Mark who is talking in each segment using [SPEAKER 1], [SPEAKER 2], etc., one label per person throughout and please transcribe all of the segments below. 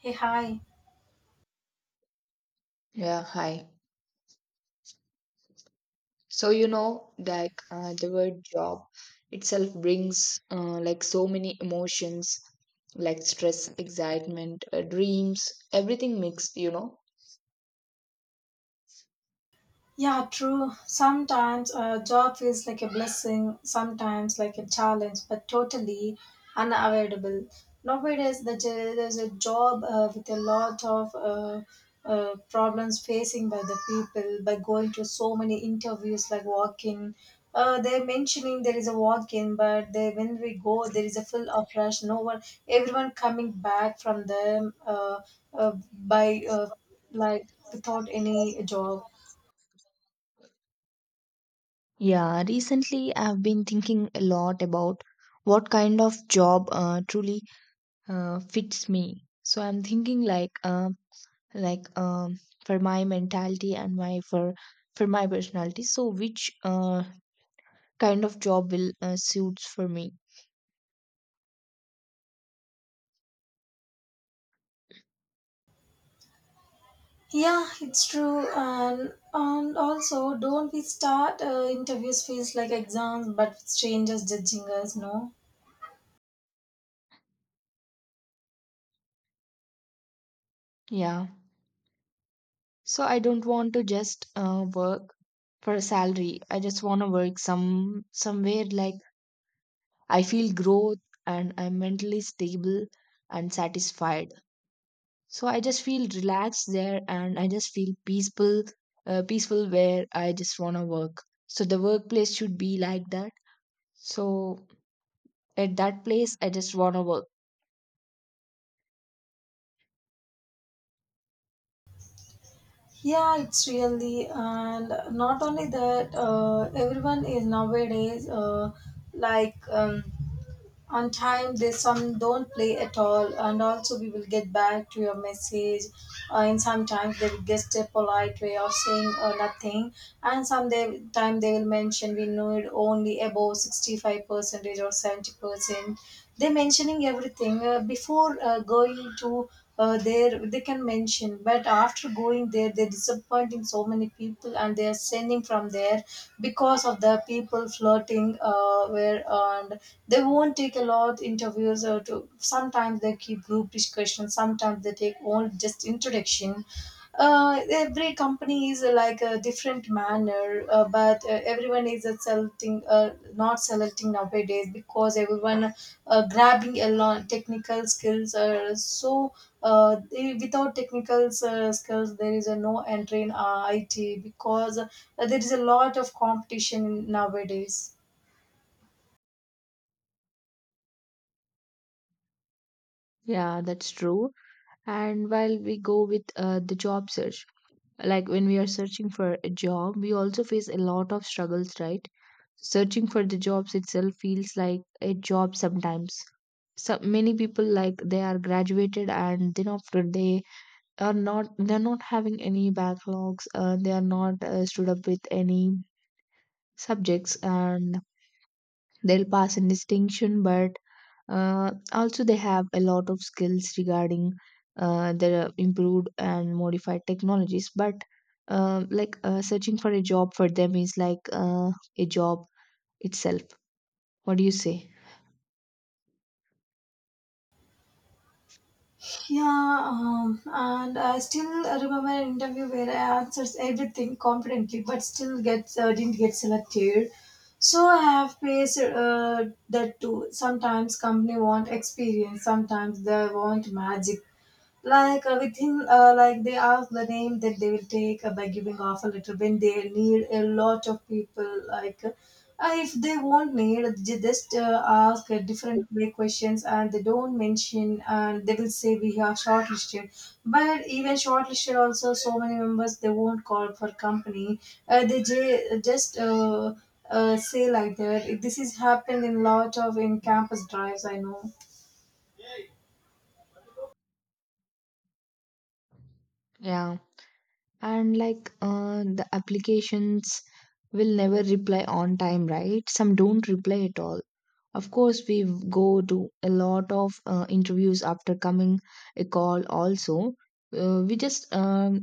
[SPEAKER 1] Hey, hi.
[SPEAKER 2] Yeah, hi. So you know that the word job itself brings like so many emotions like stress, excitement, dreams, everything mixed, you know.
[SPEAKER 1] Yeah, true. Sometimes a job feels like a blessing, sometimes like a challenge, but totally unavoidable. Nowadays, the, j- there's a job with a lot of problems facing by the people by going to so many interviews like walk-in. They're mentioning there is a walk-in, but they, when we go, there is a full of rush. No one, everyone coming back from them by like without any job.
[SPEAKER 2] Yeah, recently I've been thinking a lot about what kind of job truly fits me. So I'm thinking like for my mentality and my for my personality. So which kind of job will suits for me?
[SPEAKER 1] Yeah, it's true, and also don't we start interviews feels like exams, but with strangers judging us, no?
[SPEAKER 2] Yeah. So I don't want to just work for a salary. I just want to work somewhere like I feel growth and I'm mentally stable and satisfied. So I just feel relaxed there and I just feel peaceful, peaceful where I just want to work. So the workplace should be like that. So at that place, I just want to work.
[SPEAKER 1] Yeah, it's really, and not only that, everyone is nowadays like, on time there's some don't play at all and also we will get back to your message and sometimes they will just a polite way of saying nothing and some they, time they will mention we know it only above 65 percentage or 70% they mentioning everything before going to there they can mention, but after going there they're disappointing so many people and they're sending from there because of the people flirting where and they won't take a lot interviews or to sometimes they keep group discussion, sometimes they take all just introduction. Every company is like a different manner, but everyone is selecting not selecting nowadays because everyone grabbing a lot technical skills, so without technical skills there is a no entry in it because there is a lot of competition nowadays.
[SPEAKER 2] Yeah, that's true. And while we go with the job search, like when we are searching for a job, we also face a lot of struggles, right? Searching for the jobs itself feels like a job sometimes. So many people, like, they are graduated, and then after, they're not having any backlogs, they are not stood up with any subjects, and they'll pass in distinction, but also they have a lot of skills regarding the improved and modified technologies. But um, searching for a job for them is like a job itself. What do you say?
[SPEAKER 1] Yeah, and I still remember an interview where I answered everything confidently, but still gets didn't get selected. So I have faced that too. Sometimes company want experience, sometimes they want magic, like within like they ask the name that they will take by giving off a letter when they need a lot of people, like if they won't need they just ask different way questions and they don't mention and they will say we have shortlisted, but even shortlisted also so many members they won't call for company. They j- just Say like that, this is happened in lot of in campus drives, I know.
[SPEAKER 2] Yeah, and the applications will never reply on time, right? Some don't reply at all. Of course, we go to a lot of interviews after coming a call also. We just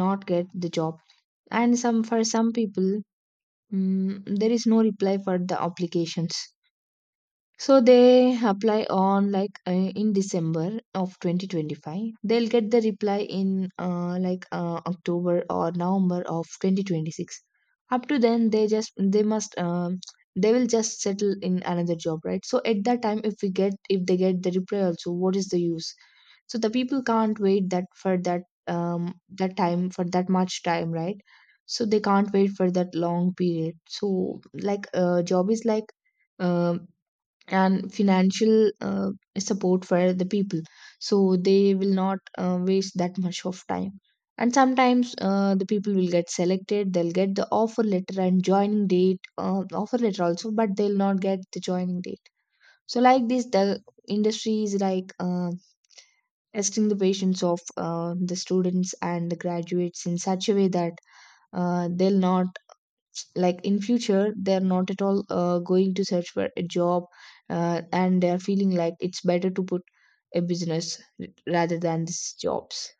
[SPEAKER 2] not get the job. And some people, there is no reply for the applications. So they apply on in December of 2025. They'll get the reply in October or November of 2026. Up to then, they just they must they will just settle in another job, right? So at that time, if they get the reply also, what is the use? So the people can't wait that time for that much time, right? So they can't wait for that long period. So like job is like um and financial support for the people, so they will not waste that much of time. And sometimes the people will get selected, they'll get the offer letter and joining date, offer letter also but they'll not get the joining date. So like this, the industry is like testing the patience of the students and the graduates in such a way that they'll not, like, in future, they're not at all going to search for a job, and they're feeling like it's better to put a business rather than these jobs.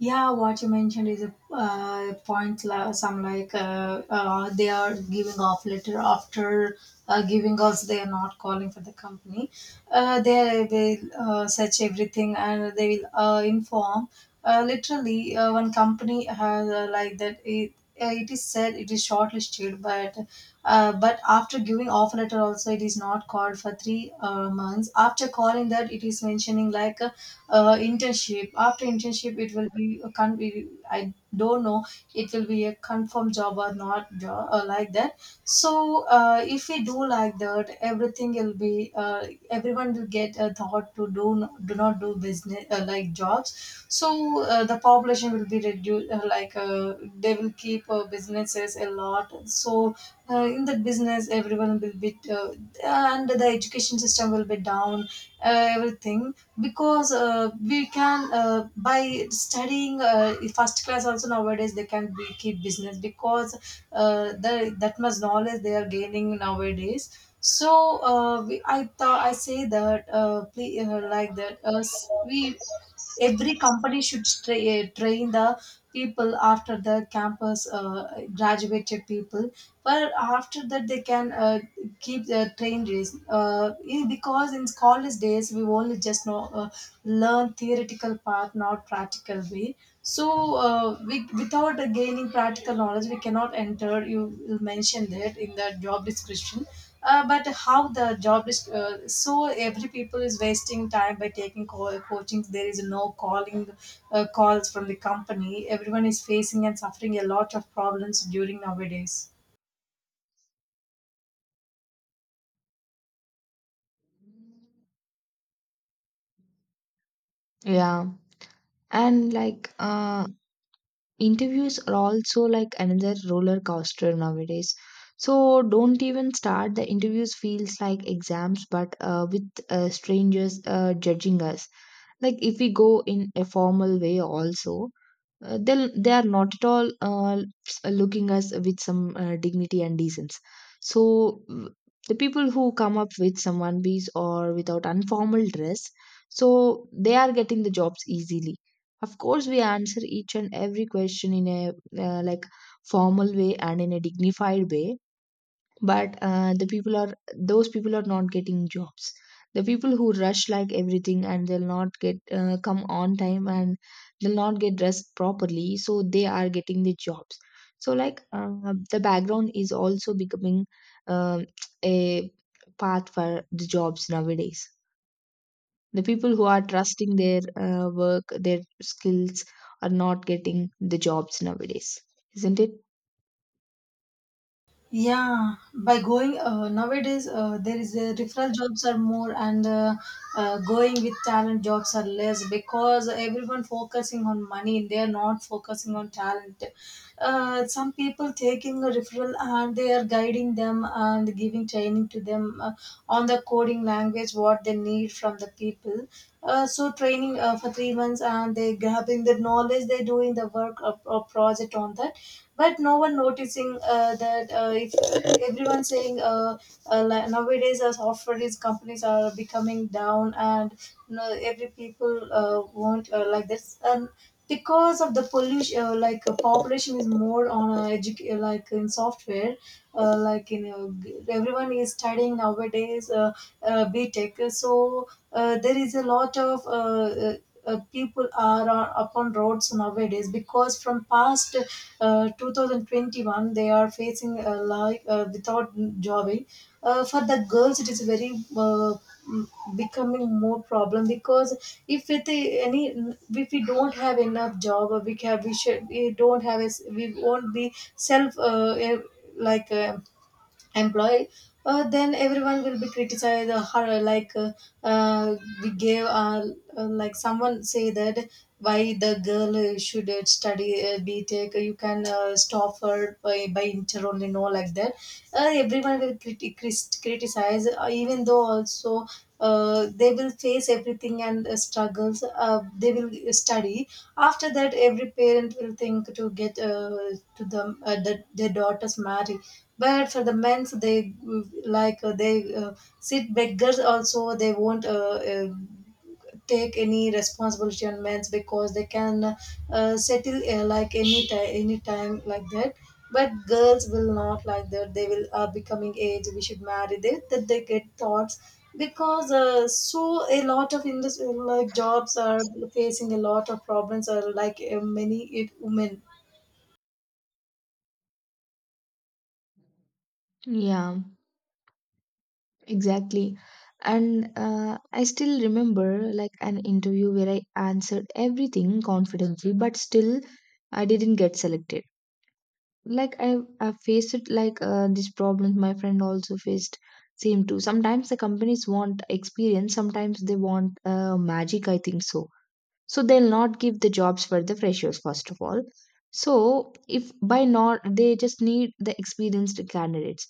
[SPEAKER 1] Yeah, what you mentioned is a point. Some like they are giving off letter after giving us. They are not calling for the company. They will search everything and they will inform. Literally, one company has like that. It is said it is shortlisted, but after giving offer letter also it is not called for three months, after calling that it is mentioning like internship after internship it will be a I don't know, it will be a confirmed job or not job or like that. So if we do like that everything will be everyone will get a thought to do do not do business like jobs, so the population will be reduced, they will keep businesses a lot. So in that business everyone will be and the education system will be down, everything, because we can by studying first class also nowadays they can be keep business because the, that much knowledge they are gaining nowadays. So I thought I say that like that we every company should train the people after the campus graduated people, but after that they can keep the train race, yeah, because in college days we only just know learn theoretical part, not practical way. So without gaining practical knowledge we cannot enter. You mentioned that in the job description but how the job is, so every people is wasting time by taking coachings, there is no calling calls from the company. Everyone is facing and suffering a lot of problems during nowadays.
[SPEAKER 2] Yeah, and interviews are also like another roller coaster nowadays. So don't even start, the interviews feels like exams but with strangers judging us. Like if we go in a formal way also, they are not at all looking us with some dignity and decency. So the people who come up with some one piece or without informal dress, so they are getting the jobs easily. Of course, we answer each and every question in a uh, like formal way and in a dignified way, but the people are those people are not getting jobs. The people who rush like everything and they'll not get come on time, and they'll not get dressed properly, so they are getting the jobs. So like the background is also becoming um a path for the jobs nowadays. The people who are trusting their work, their skills, are not getting the jobs nowadays, isn't it?
[SPEAKER 1] Yeah, by going nowadays, there is a referral jobs are more and going with talent jobs are less because everyone focusing on money. They are not focusing on talent. Some people taking a referral and they are guiding them and giving training to them on the coding language what they need from the people. So training for 3 months and they grabbing the knowledge. They doing the work or project on that, but no one noticing that if everyone saying like nowadays as software is companies are becoming down and you know, every people want like this, and because of the pollution population is more on like in software, like you know everyone is studying nowadays B tech. So there is a lot of uh, people are on, upon roads nowadays because from past 2021 they are facing without jobbing. For the girls it is very m- becoming more problem because if with any if we don't have enough job or we have we should we don't have we won't be self like uh, employee, then everyone will be criticized, uh, we gave like someone say that why the girl should study btech, you can stop her by inter only no like that. Everyone will criticize even though also they will face everything and struggles they will study. After that every parent will think to get to the their daughters marry. But for the men, so they they sit beggars also they won't take any responsibility on men's because they can settle like any time like that. But girls will not like that, they will are becoming age we should marry they that they get thoughts, because so a lot of industry like jobs are facing a lot of problems or like many it, women.
[SPEAKER 2] Yeah, exactly. And I still remember like an interview where I answered everything confidently, but still I didn't get selected. Like I faced it like this problem, my friend also faced same too. Sometimes the companies want experience, sometimes they want magic, I think so. So they'll not give the jobs for the freshers first of all. So if by not, they just need the experienced candidates,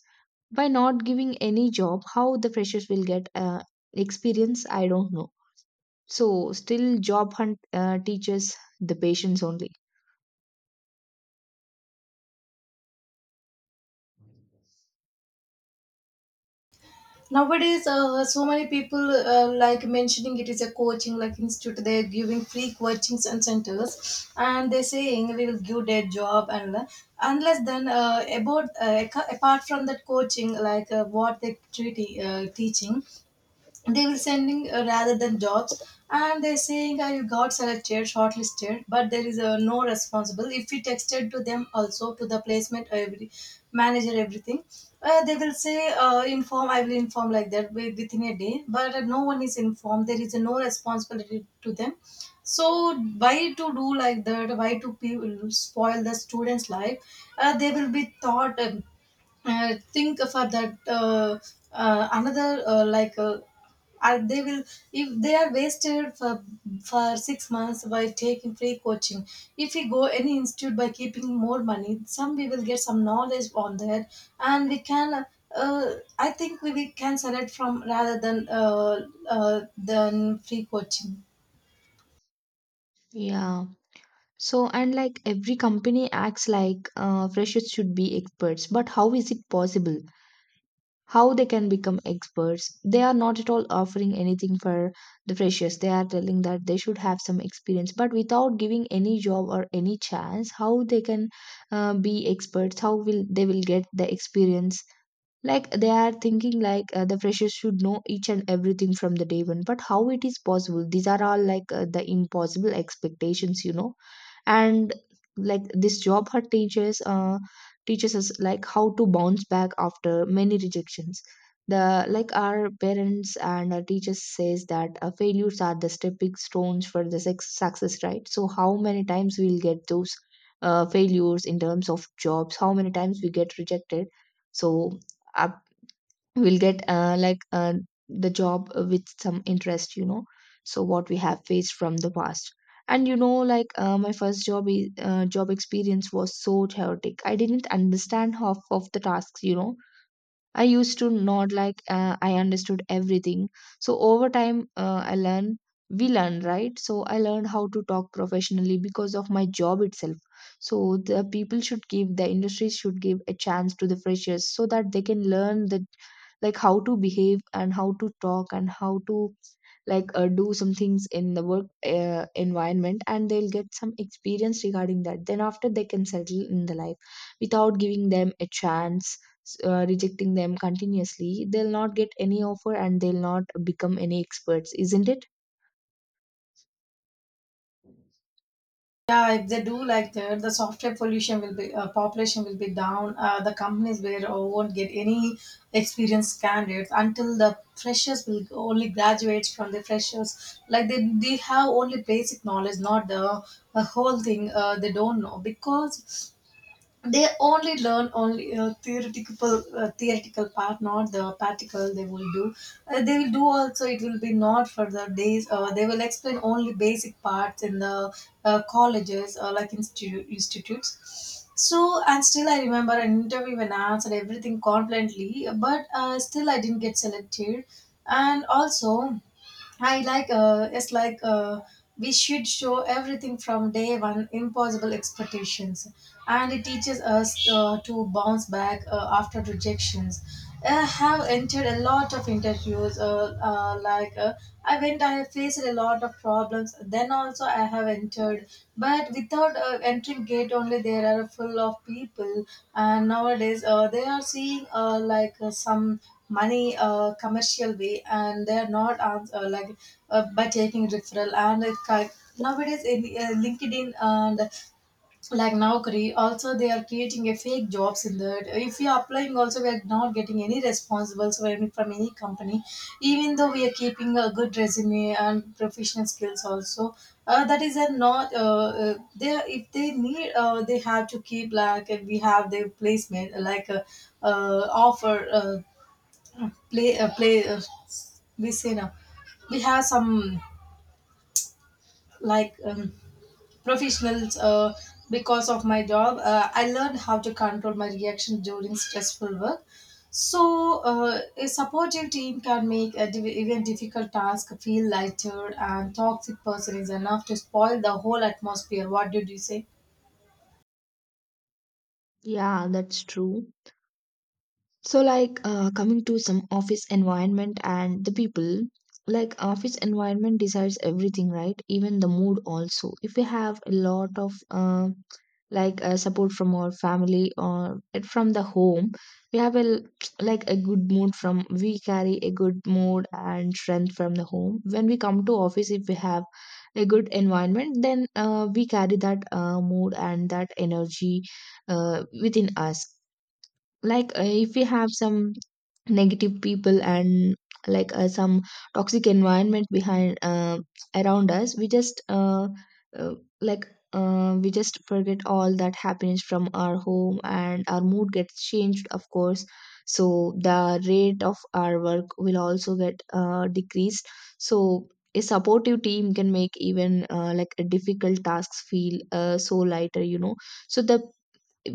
[SPEAKER 2] by not giving any job, how the freshers will get experience? I don't know. So still job hunt teaches the patience only.
[SPEAKER 1] Nowadays so many people like mentioning it is a coaching like institute, they're giving free coachings and centers, and they're saying we will give their job and unless then apart from that coaching, like what they teaching, they were sending rather than jobs. And they're saying "Ah, you got selected shortlisted but there is no responsible if we texted to them also to the placement every manager everything, they will say inform, I will inform like that within a day, but no one is informed, there is no responsibility to them. So why to do like that, why to people spoil the students life, they will be thought. I think for that another like are they will if they are wasted for 6 months by taking free coaching. If we go any institute by keeping more money, some we will get some knowledge on that, and we can. I think we can select from rather than free coaching.
[SPEAKER 2] Yeah, so, and like every company acts like freshers should be experts, but how is it possible? How they can become experts? They are not at all offering anything for the freshers. They are telling that they should have some experience, but without giving any job or any chance, how they can be experts? How will they will get the experience? Like they are thinking like the freshers should know each and everything from the day one, but how it is possible? These are all like the impossible expectations, you know. And like this job her teachers teaches us like how to bounce back after many rejections. The, like, our parents and our teachers says that failures are the stepping stones for the success, right? So how many times we'll get those failures in terms of jobs? How many times we get rejected? So up, we'll get the job with some interest, you know. So what we have faced from the past. And you know, like my first job experience was so chaotic, I didn't understand half of the tasks, you know. I used to nod like I understood everything. So over time, we learn, right? So I learned how to talk professionally because of my job itself. So the people should give, the industry should give a chance to the freshers so that they can learn the, like, how to behave and how to talk and how to, like do some things in the work environment, and they'll get some experience regarding that, then after they can settle in the life. Without giving them a chance, rejecting them continuously, they'll not get any offer and they'll not become any experts, isn't it?
[SPEAKER 1] Yeah, if they do like that, the software pollution will be population will be down. The companies where won't get any experienced candidates until the freshers will only graduates from the freshers. Like they have only basic knowledge, not the, the whole thing. They don't know because they only learn only theoretical part not the practical they will do. They will do also it will be not for the days, they will explain only basic parts in the colleges or like institutes. So and still I remember an interview when I answered everything confidently but still I didn't get selected. And also I like it's like we should show everything from day one, impossible expectations, and it teaches us to bounce back after rejections. I have entered a lot of interviews. I went, I faced a lot of problems. Then also I have entered, but without entering gate only, there are full of people. And nowadays, they are seeing some money, commercial way, and they're not ans- like by taking referral. Nowadays in LinkedIn and like now Korea, also they are creating a fake jobs. In that, if we are applying also, we are not getting any responsibles from any company, even though we are keeping a good resume and professional skills also. That is a not they, if they need, they have to keep like we have their placement offer, play play we say, we have some, like um, professionals. Because of my job, I learned how to control my reaction during stressful work. So a supportive team can make even difficult task feel lighter, and toxic person is enough to spoil the whole atmosphere. What did you say?
[SPEAKER 2] Yeah, that's true. So, like coming to some office environment and the people, like office environment decides everything, right? Even the mood also. If we have a lot of support from our family or it from the home, we have like a good mood, from we carry a good mood and strength from the home. When we come to office, if we have a good environment, then we carry that mood and that energy within us. Like if we have some negative people and like some toxic environment behind around us, we just uh, like we just forget all that happiness from our home, and our mood gets changed, of course. So the rate of our work will also get decreased. So a supportive team can make even difficult tasks feel so lighter, you know. So the,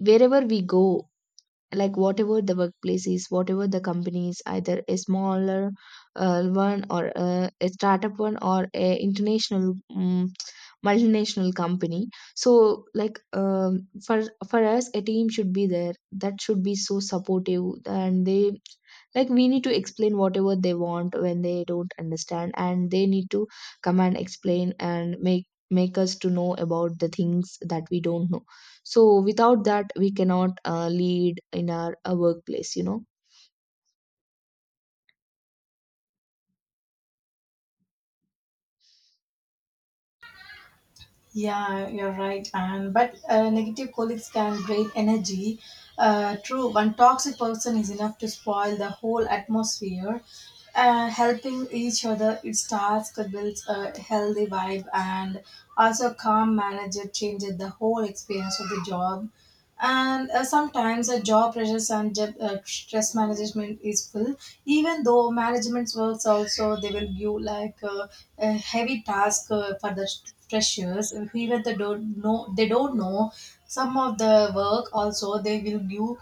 [SPEAKER 2] wherever we go, like whatever the workplace is, whatever the company is, either a smaller one or a startup one or a international multinational company. So like for us, a team should be there that should be so supportive, and they, like, we need to explain whatever they want when they don't understand, and they need to come and explain and make us to know about the things that we don't know. So without that, we cannot lead in our workplace, you know.
[SPEAKER 1] Yeah, you're right. And but negative colleagues can drain energy. True, one toxic person is enough to spoil the whole atmosphere. Helping each other, it starts to build a healthy vibe, and also calm manager changes the whole experience of the job. And sometimes a job pressures and job, stress management is full. Even though management works also, they will give like a heavy task for the freshers. And even they don't know some of the work also they will give.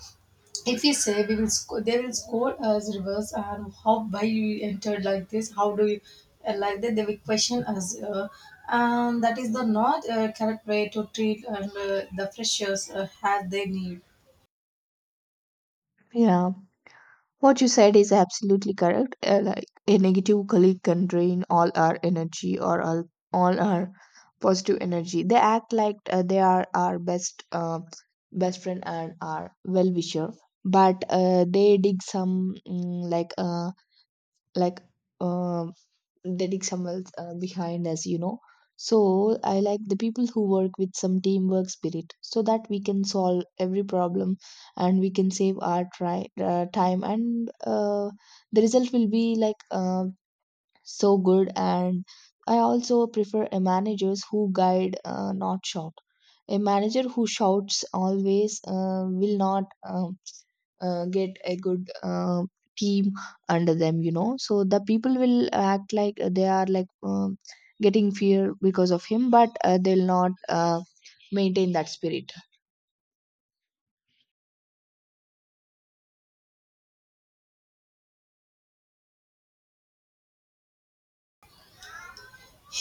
[SPEAKER 1] If we say, they will scold us reverse. And how, why you entered like this, how do you like that? They will question us. And that is the not correct way to treat and the freshers as they need.
[SPEAKER 2] Yeah, what you said is absolutely correct. Like a negative colleague can drain all our energy or all our positive energy. They act like they are our best friend and our well wisher, but they dig some mm, like uh, like. uh, letting someone behind us, you know. So I like the people who work with some teamwork spirit so that we can solve every problem, and we can save our time, and the result will be like so good. And I also prefer a managers who guide not shout. A manager who shouts always will not get a good team under them, you know. So the people will act like they are like getting fear because of him, but they'll not maintain that spirit.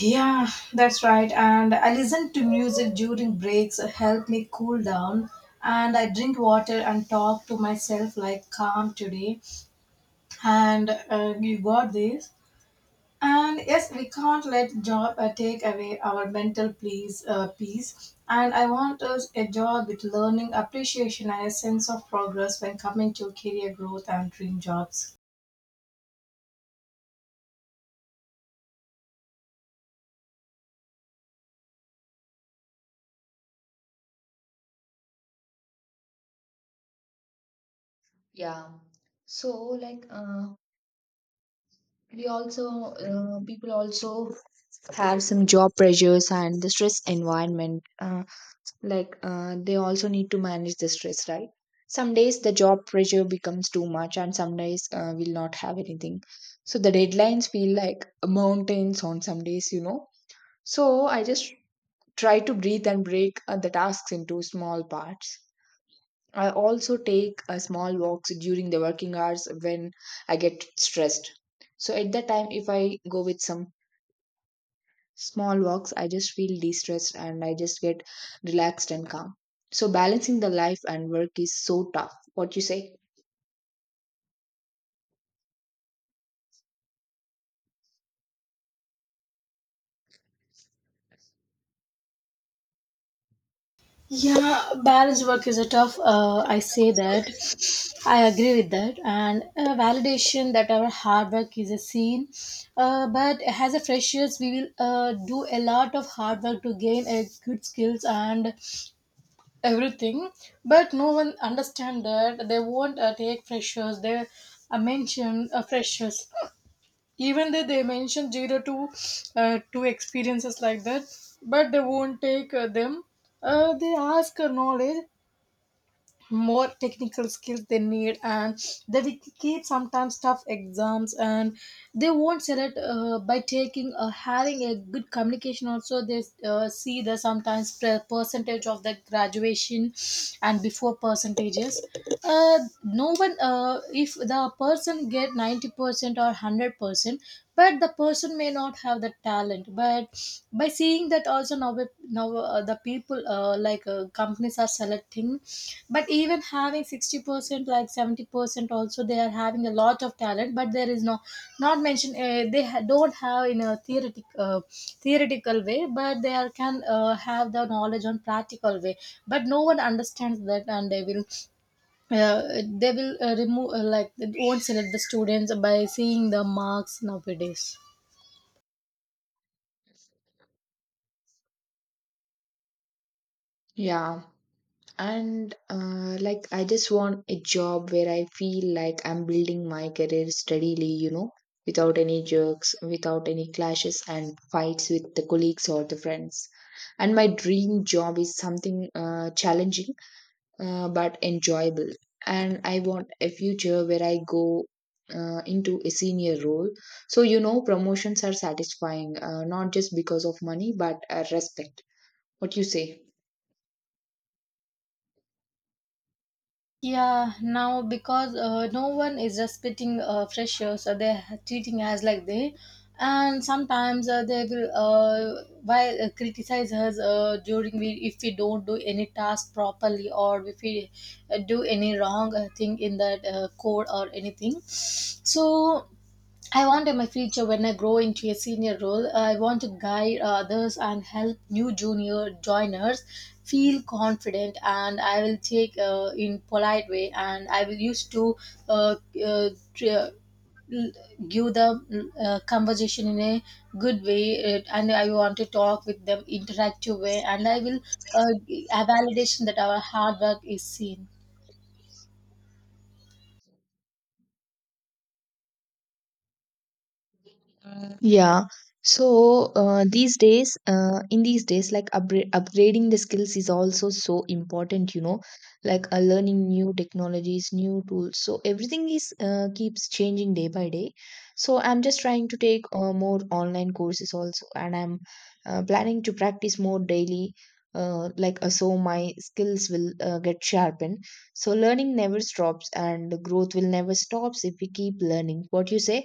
[SPEAKER 1] Yeah, that's right. And I listen to music during breaks, help me cool down. And I drink water and talk to myself like, calm today. And you got this. And yes, we can't let job take away our mental peace. And I want us a job with learning, appreciation, and a sense of progress when coming to career growth and dream jobs.
[SPEAKER 2] Yeah, so like we also people also have some job pressures and the stress environment, they also need to manage the stress, right? Some days the job pressure becomes too much, and some days we'll not have anything. So the deadlines feel like mountains on some days, you know. So I just try to breathe and break the tasks into small parts. I also take small walks during the working hours when I get stressed. So at that time, if I go with some small walks, I just feel de-stressed and I just get relaxed and calm. So balancing the life and work is so tough, what you say?
[SPEAKER 1] Yeah, balance work is a tough. I say that. I agree with that. And validation that our hard work is a seen. But as a freshers, we will do a lot of hard work to gain a good skills and everything. But no one understand that. They won't take freshers. They mention freshers even though they mention zero to two experiences like that. But they won't take them. They ask knowledge, more technical skills they need, and they will keep sometimes tough exams. And they won't select by taking, having a good communication also. They see the sometimes percentage of the graduation. And before percentages, no one if the person get 90% or 100%, but the person may not have the talent. But by seeing that also, now the people, companies are selecting. But even having 60% like 70% also, they are having a lot of talent, but there is no, not mentioned. Don't have in a theoretical way, but they are, can have the knowledge on practical way. But no one understands that, and they will uh, remove like they won't select the students by seeing the marks nowadays.
[SPEAKER 2] Yeah, and I just want a job where I feel like I'm building my career steadily, you know. Without any jerks, without any clashes and fights with the colleagues or the friends. And my dream job is something challenging but enjoyable. And I want a future where I go into a senior role. So, you know, promotions are satisfying, not just because of money, but respect. What you say?
[SPEAKER 1] Yeah, now because no one is respecting freshers, so they're treating us like they, and sometimes they will while criticize us during we, if we don't do any task properly, or if we do any wrong thing in that code or anything. So I want in my future, when I grow into a senior role, I want to guide others and help new junior joiners feel confident. And I will take in polite way, and I will used to uh, uh, tr- l- give the conversation in a good way. And I want to talk with them interactive way, and I will uh, a validation that our hard work is seen.
[SPEAKER 2] Yeah. So in these days, like upgrading the skills is also so important, you know, like learning new technologies, new tools. So everything is keeps changing day by day. So I'm just trying to take more online courses also, and I'm planning to practice more daily. Like so my skills will get sharpened. So learning never stops and growth will never stops if we keep learning, what you say?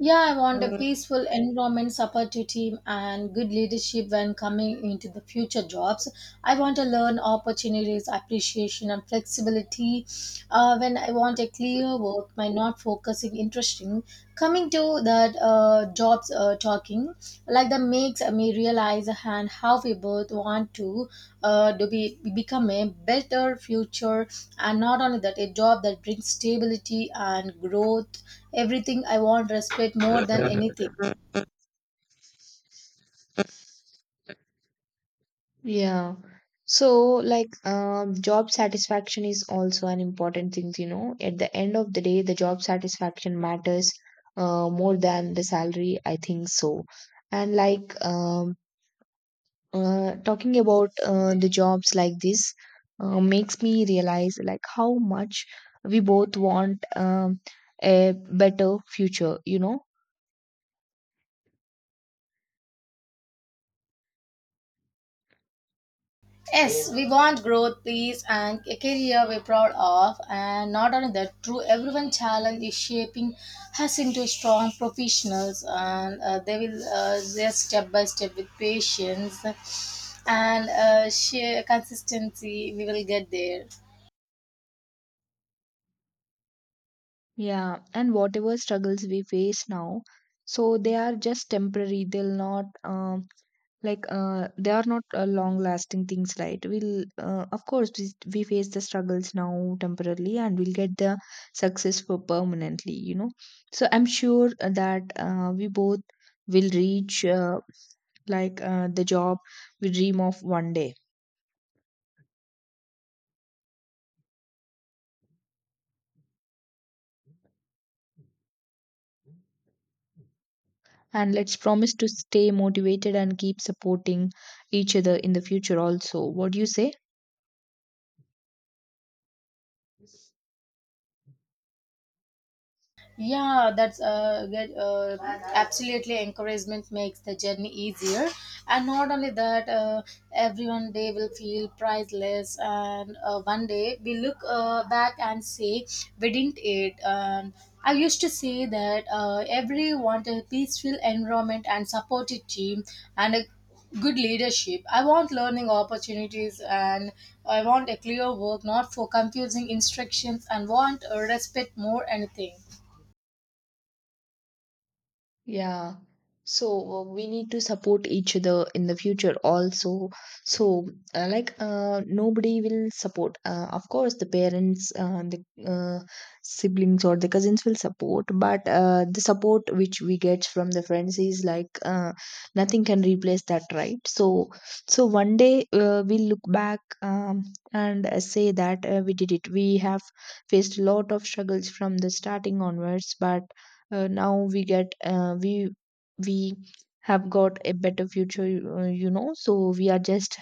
[SPEAKER 1] Yeah, I want a peaceful environment, supportive team, and good leadership when coming into the future jobs. I want to learn opportunities, appreciation, and flexibility. When I want a clear work, my not focusing interesting, coming to that jobs, talking like that makes me realize, and how we both want to be become a better future. And not only that, a job that brings stability and growth, everything I want respect more than anything.
[SPEAKER 2] Yeah. So, like, job satisfaction is also an important thing, you know. At the end of the day, the job satisfaction matters more than the salary, I think so. And, like, talking about the jobs like this makes me realize, like, how much we both want a better future, you know.
[SPEAKER 1] Yes, we want growth, peace, and a career we're proud of. And not only that, true, everyone challenge is shaping us into strong professionals. And they're step by step with patience and sheer consistency, we will get there.
[SPEAKER 2] Yeah. And whatever struggles we face now, so they are just temporary, they'll not. Like they are not long lasting things, right? We'll uh, of course we, we face the struggles now temporarily, and we'll get the success for permanently, you know. So I'm sure that we both will reach the job we dream of one day. And let's promise to stay motivated and keep supporting each other in the future also, what do you say?
[SPEAKER 1] Yeah, that's absolutely, encouragement makes the journey easier. And not only that, everyone day will feel priceless. And one day we look back and say we didn't it. And I used to say that everyone want a peaceful environment and supportive team and a good leadership. I want learning opportunities, and I want a clear work, not for confusing instructions, and want respect more anything.
[SPEAKER 2] Yeah. So we need to support each other in the future also. So nobody will support. Of course, the parents, the siblings or the cousins will support, but the support which we get from the friends is like nothing can replace that, right? So, so one day we'll look back and say that we did it. We have faced a lot of struggles from the starting onwards, but now we get we have got a better future, you know. So we are just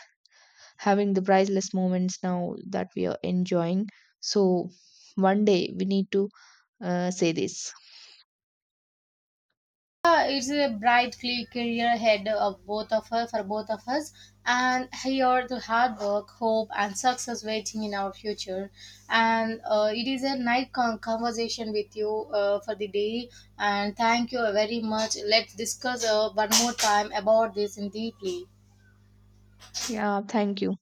[SPEAKER 2] having the priceless moments now that we are enjoying. So one day we need to say this.
[SPEAKER 1] It's a bright clear career ahead of both of us, and here the hard work, hope and success waiting in our future. And it is a nice conversation with you for the day. And thank you very much. Let's discuss one more time about this in deeply.
[SPEAKER 2] Yeah, thank you.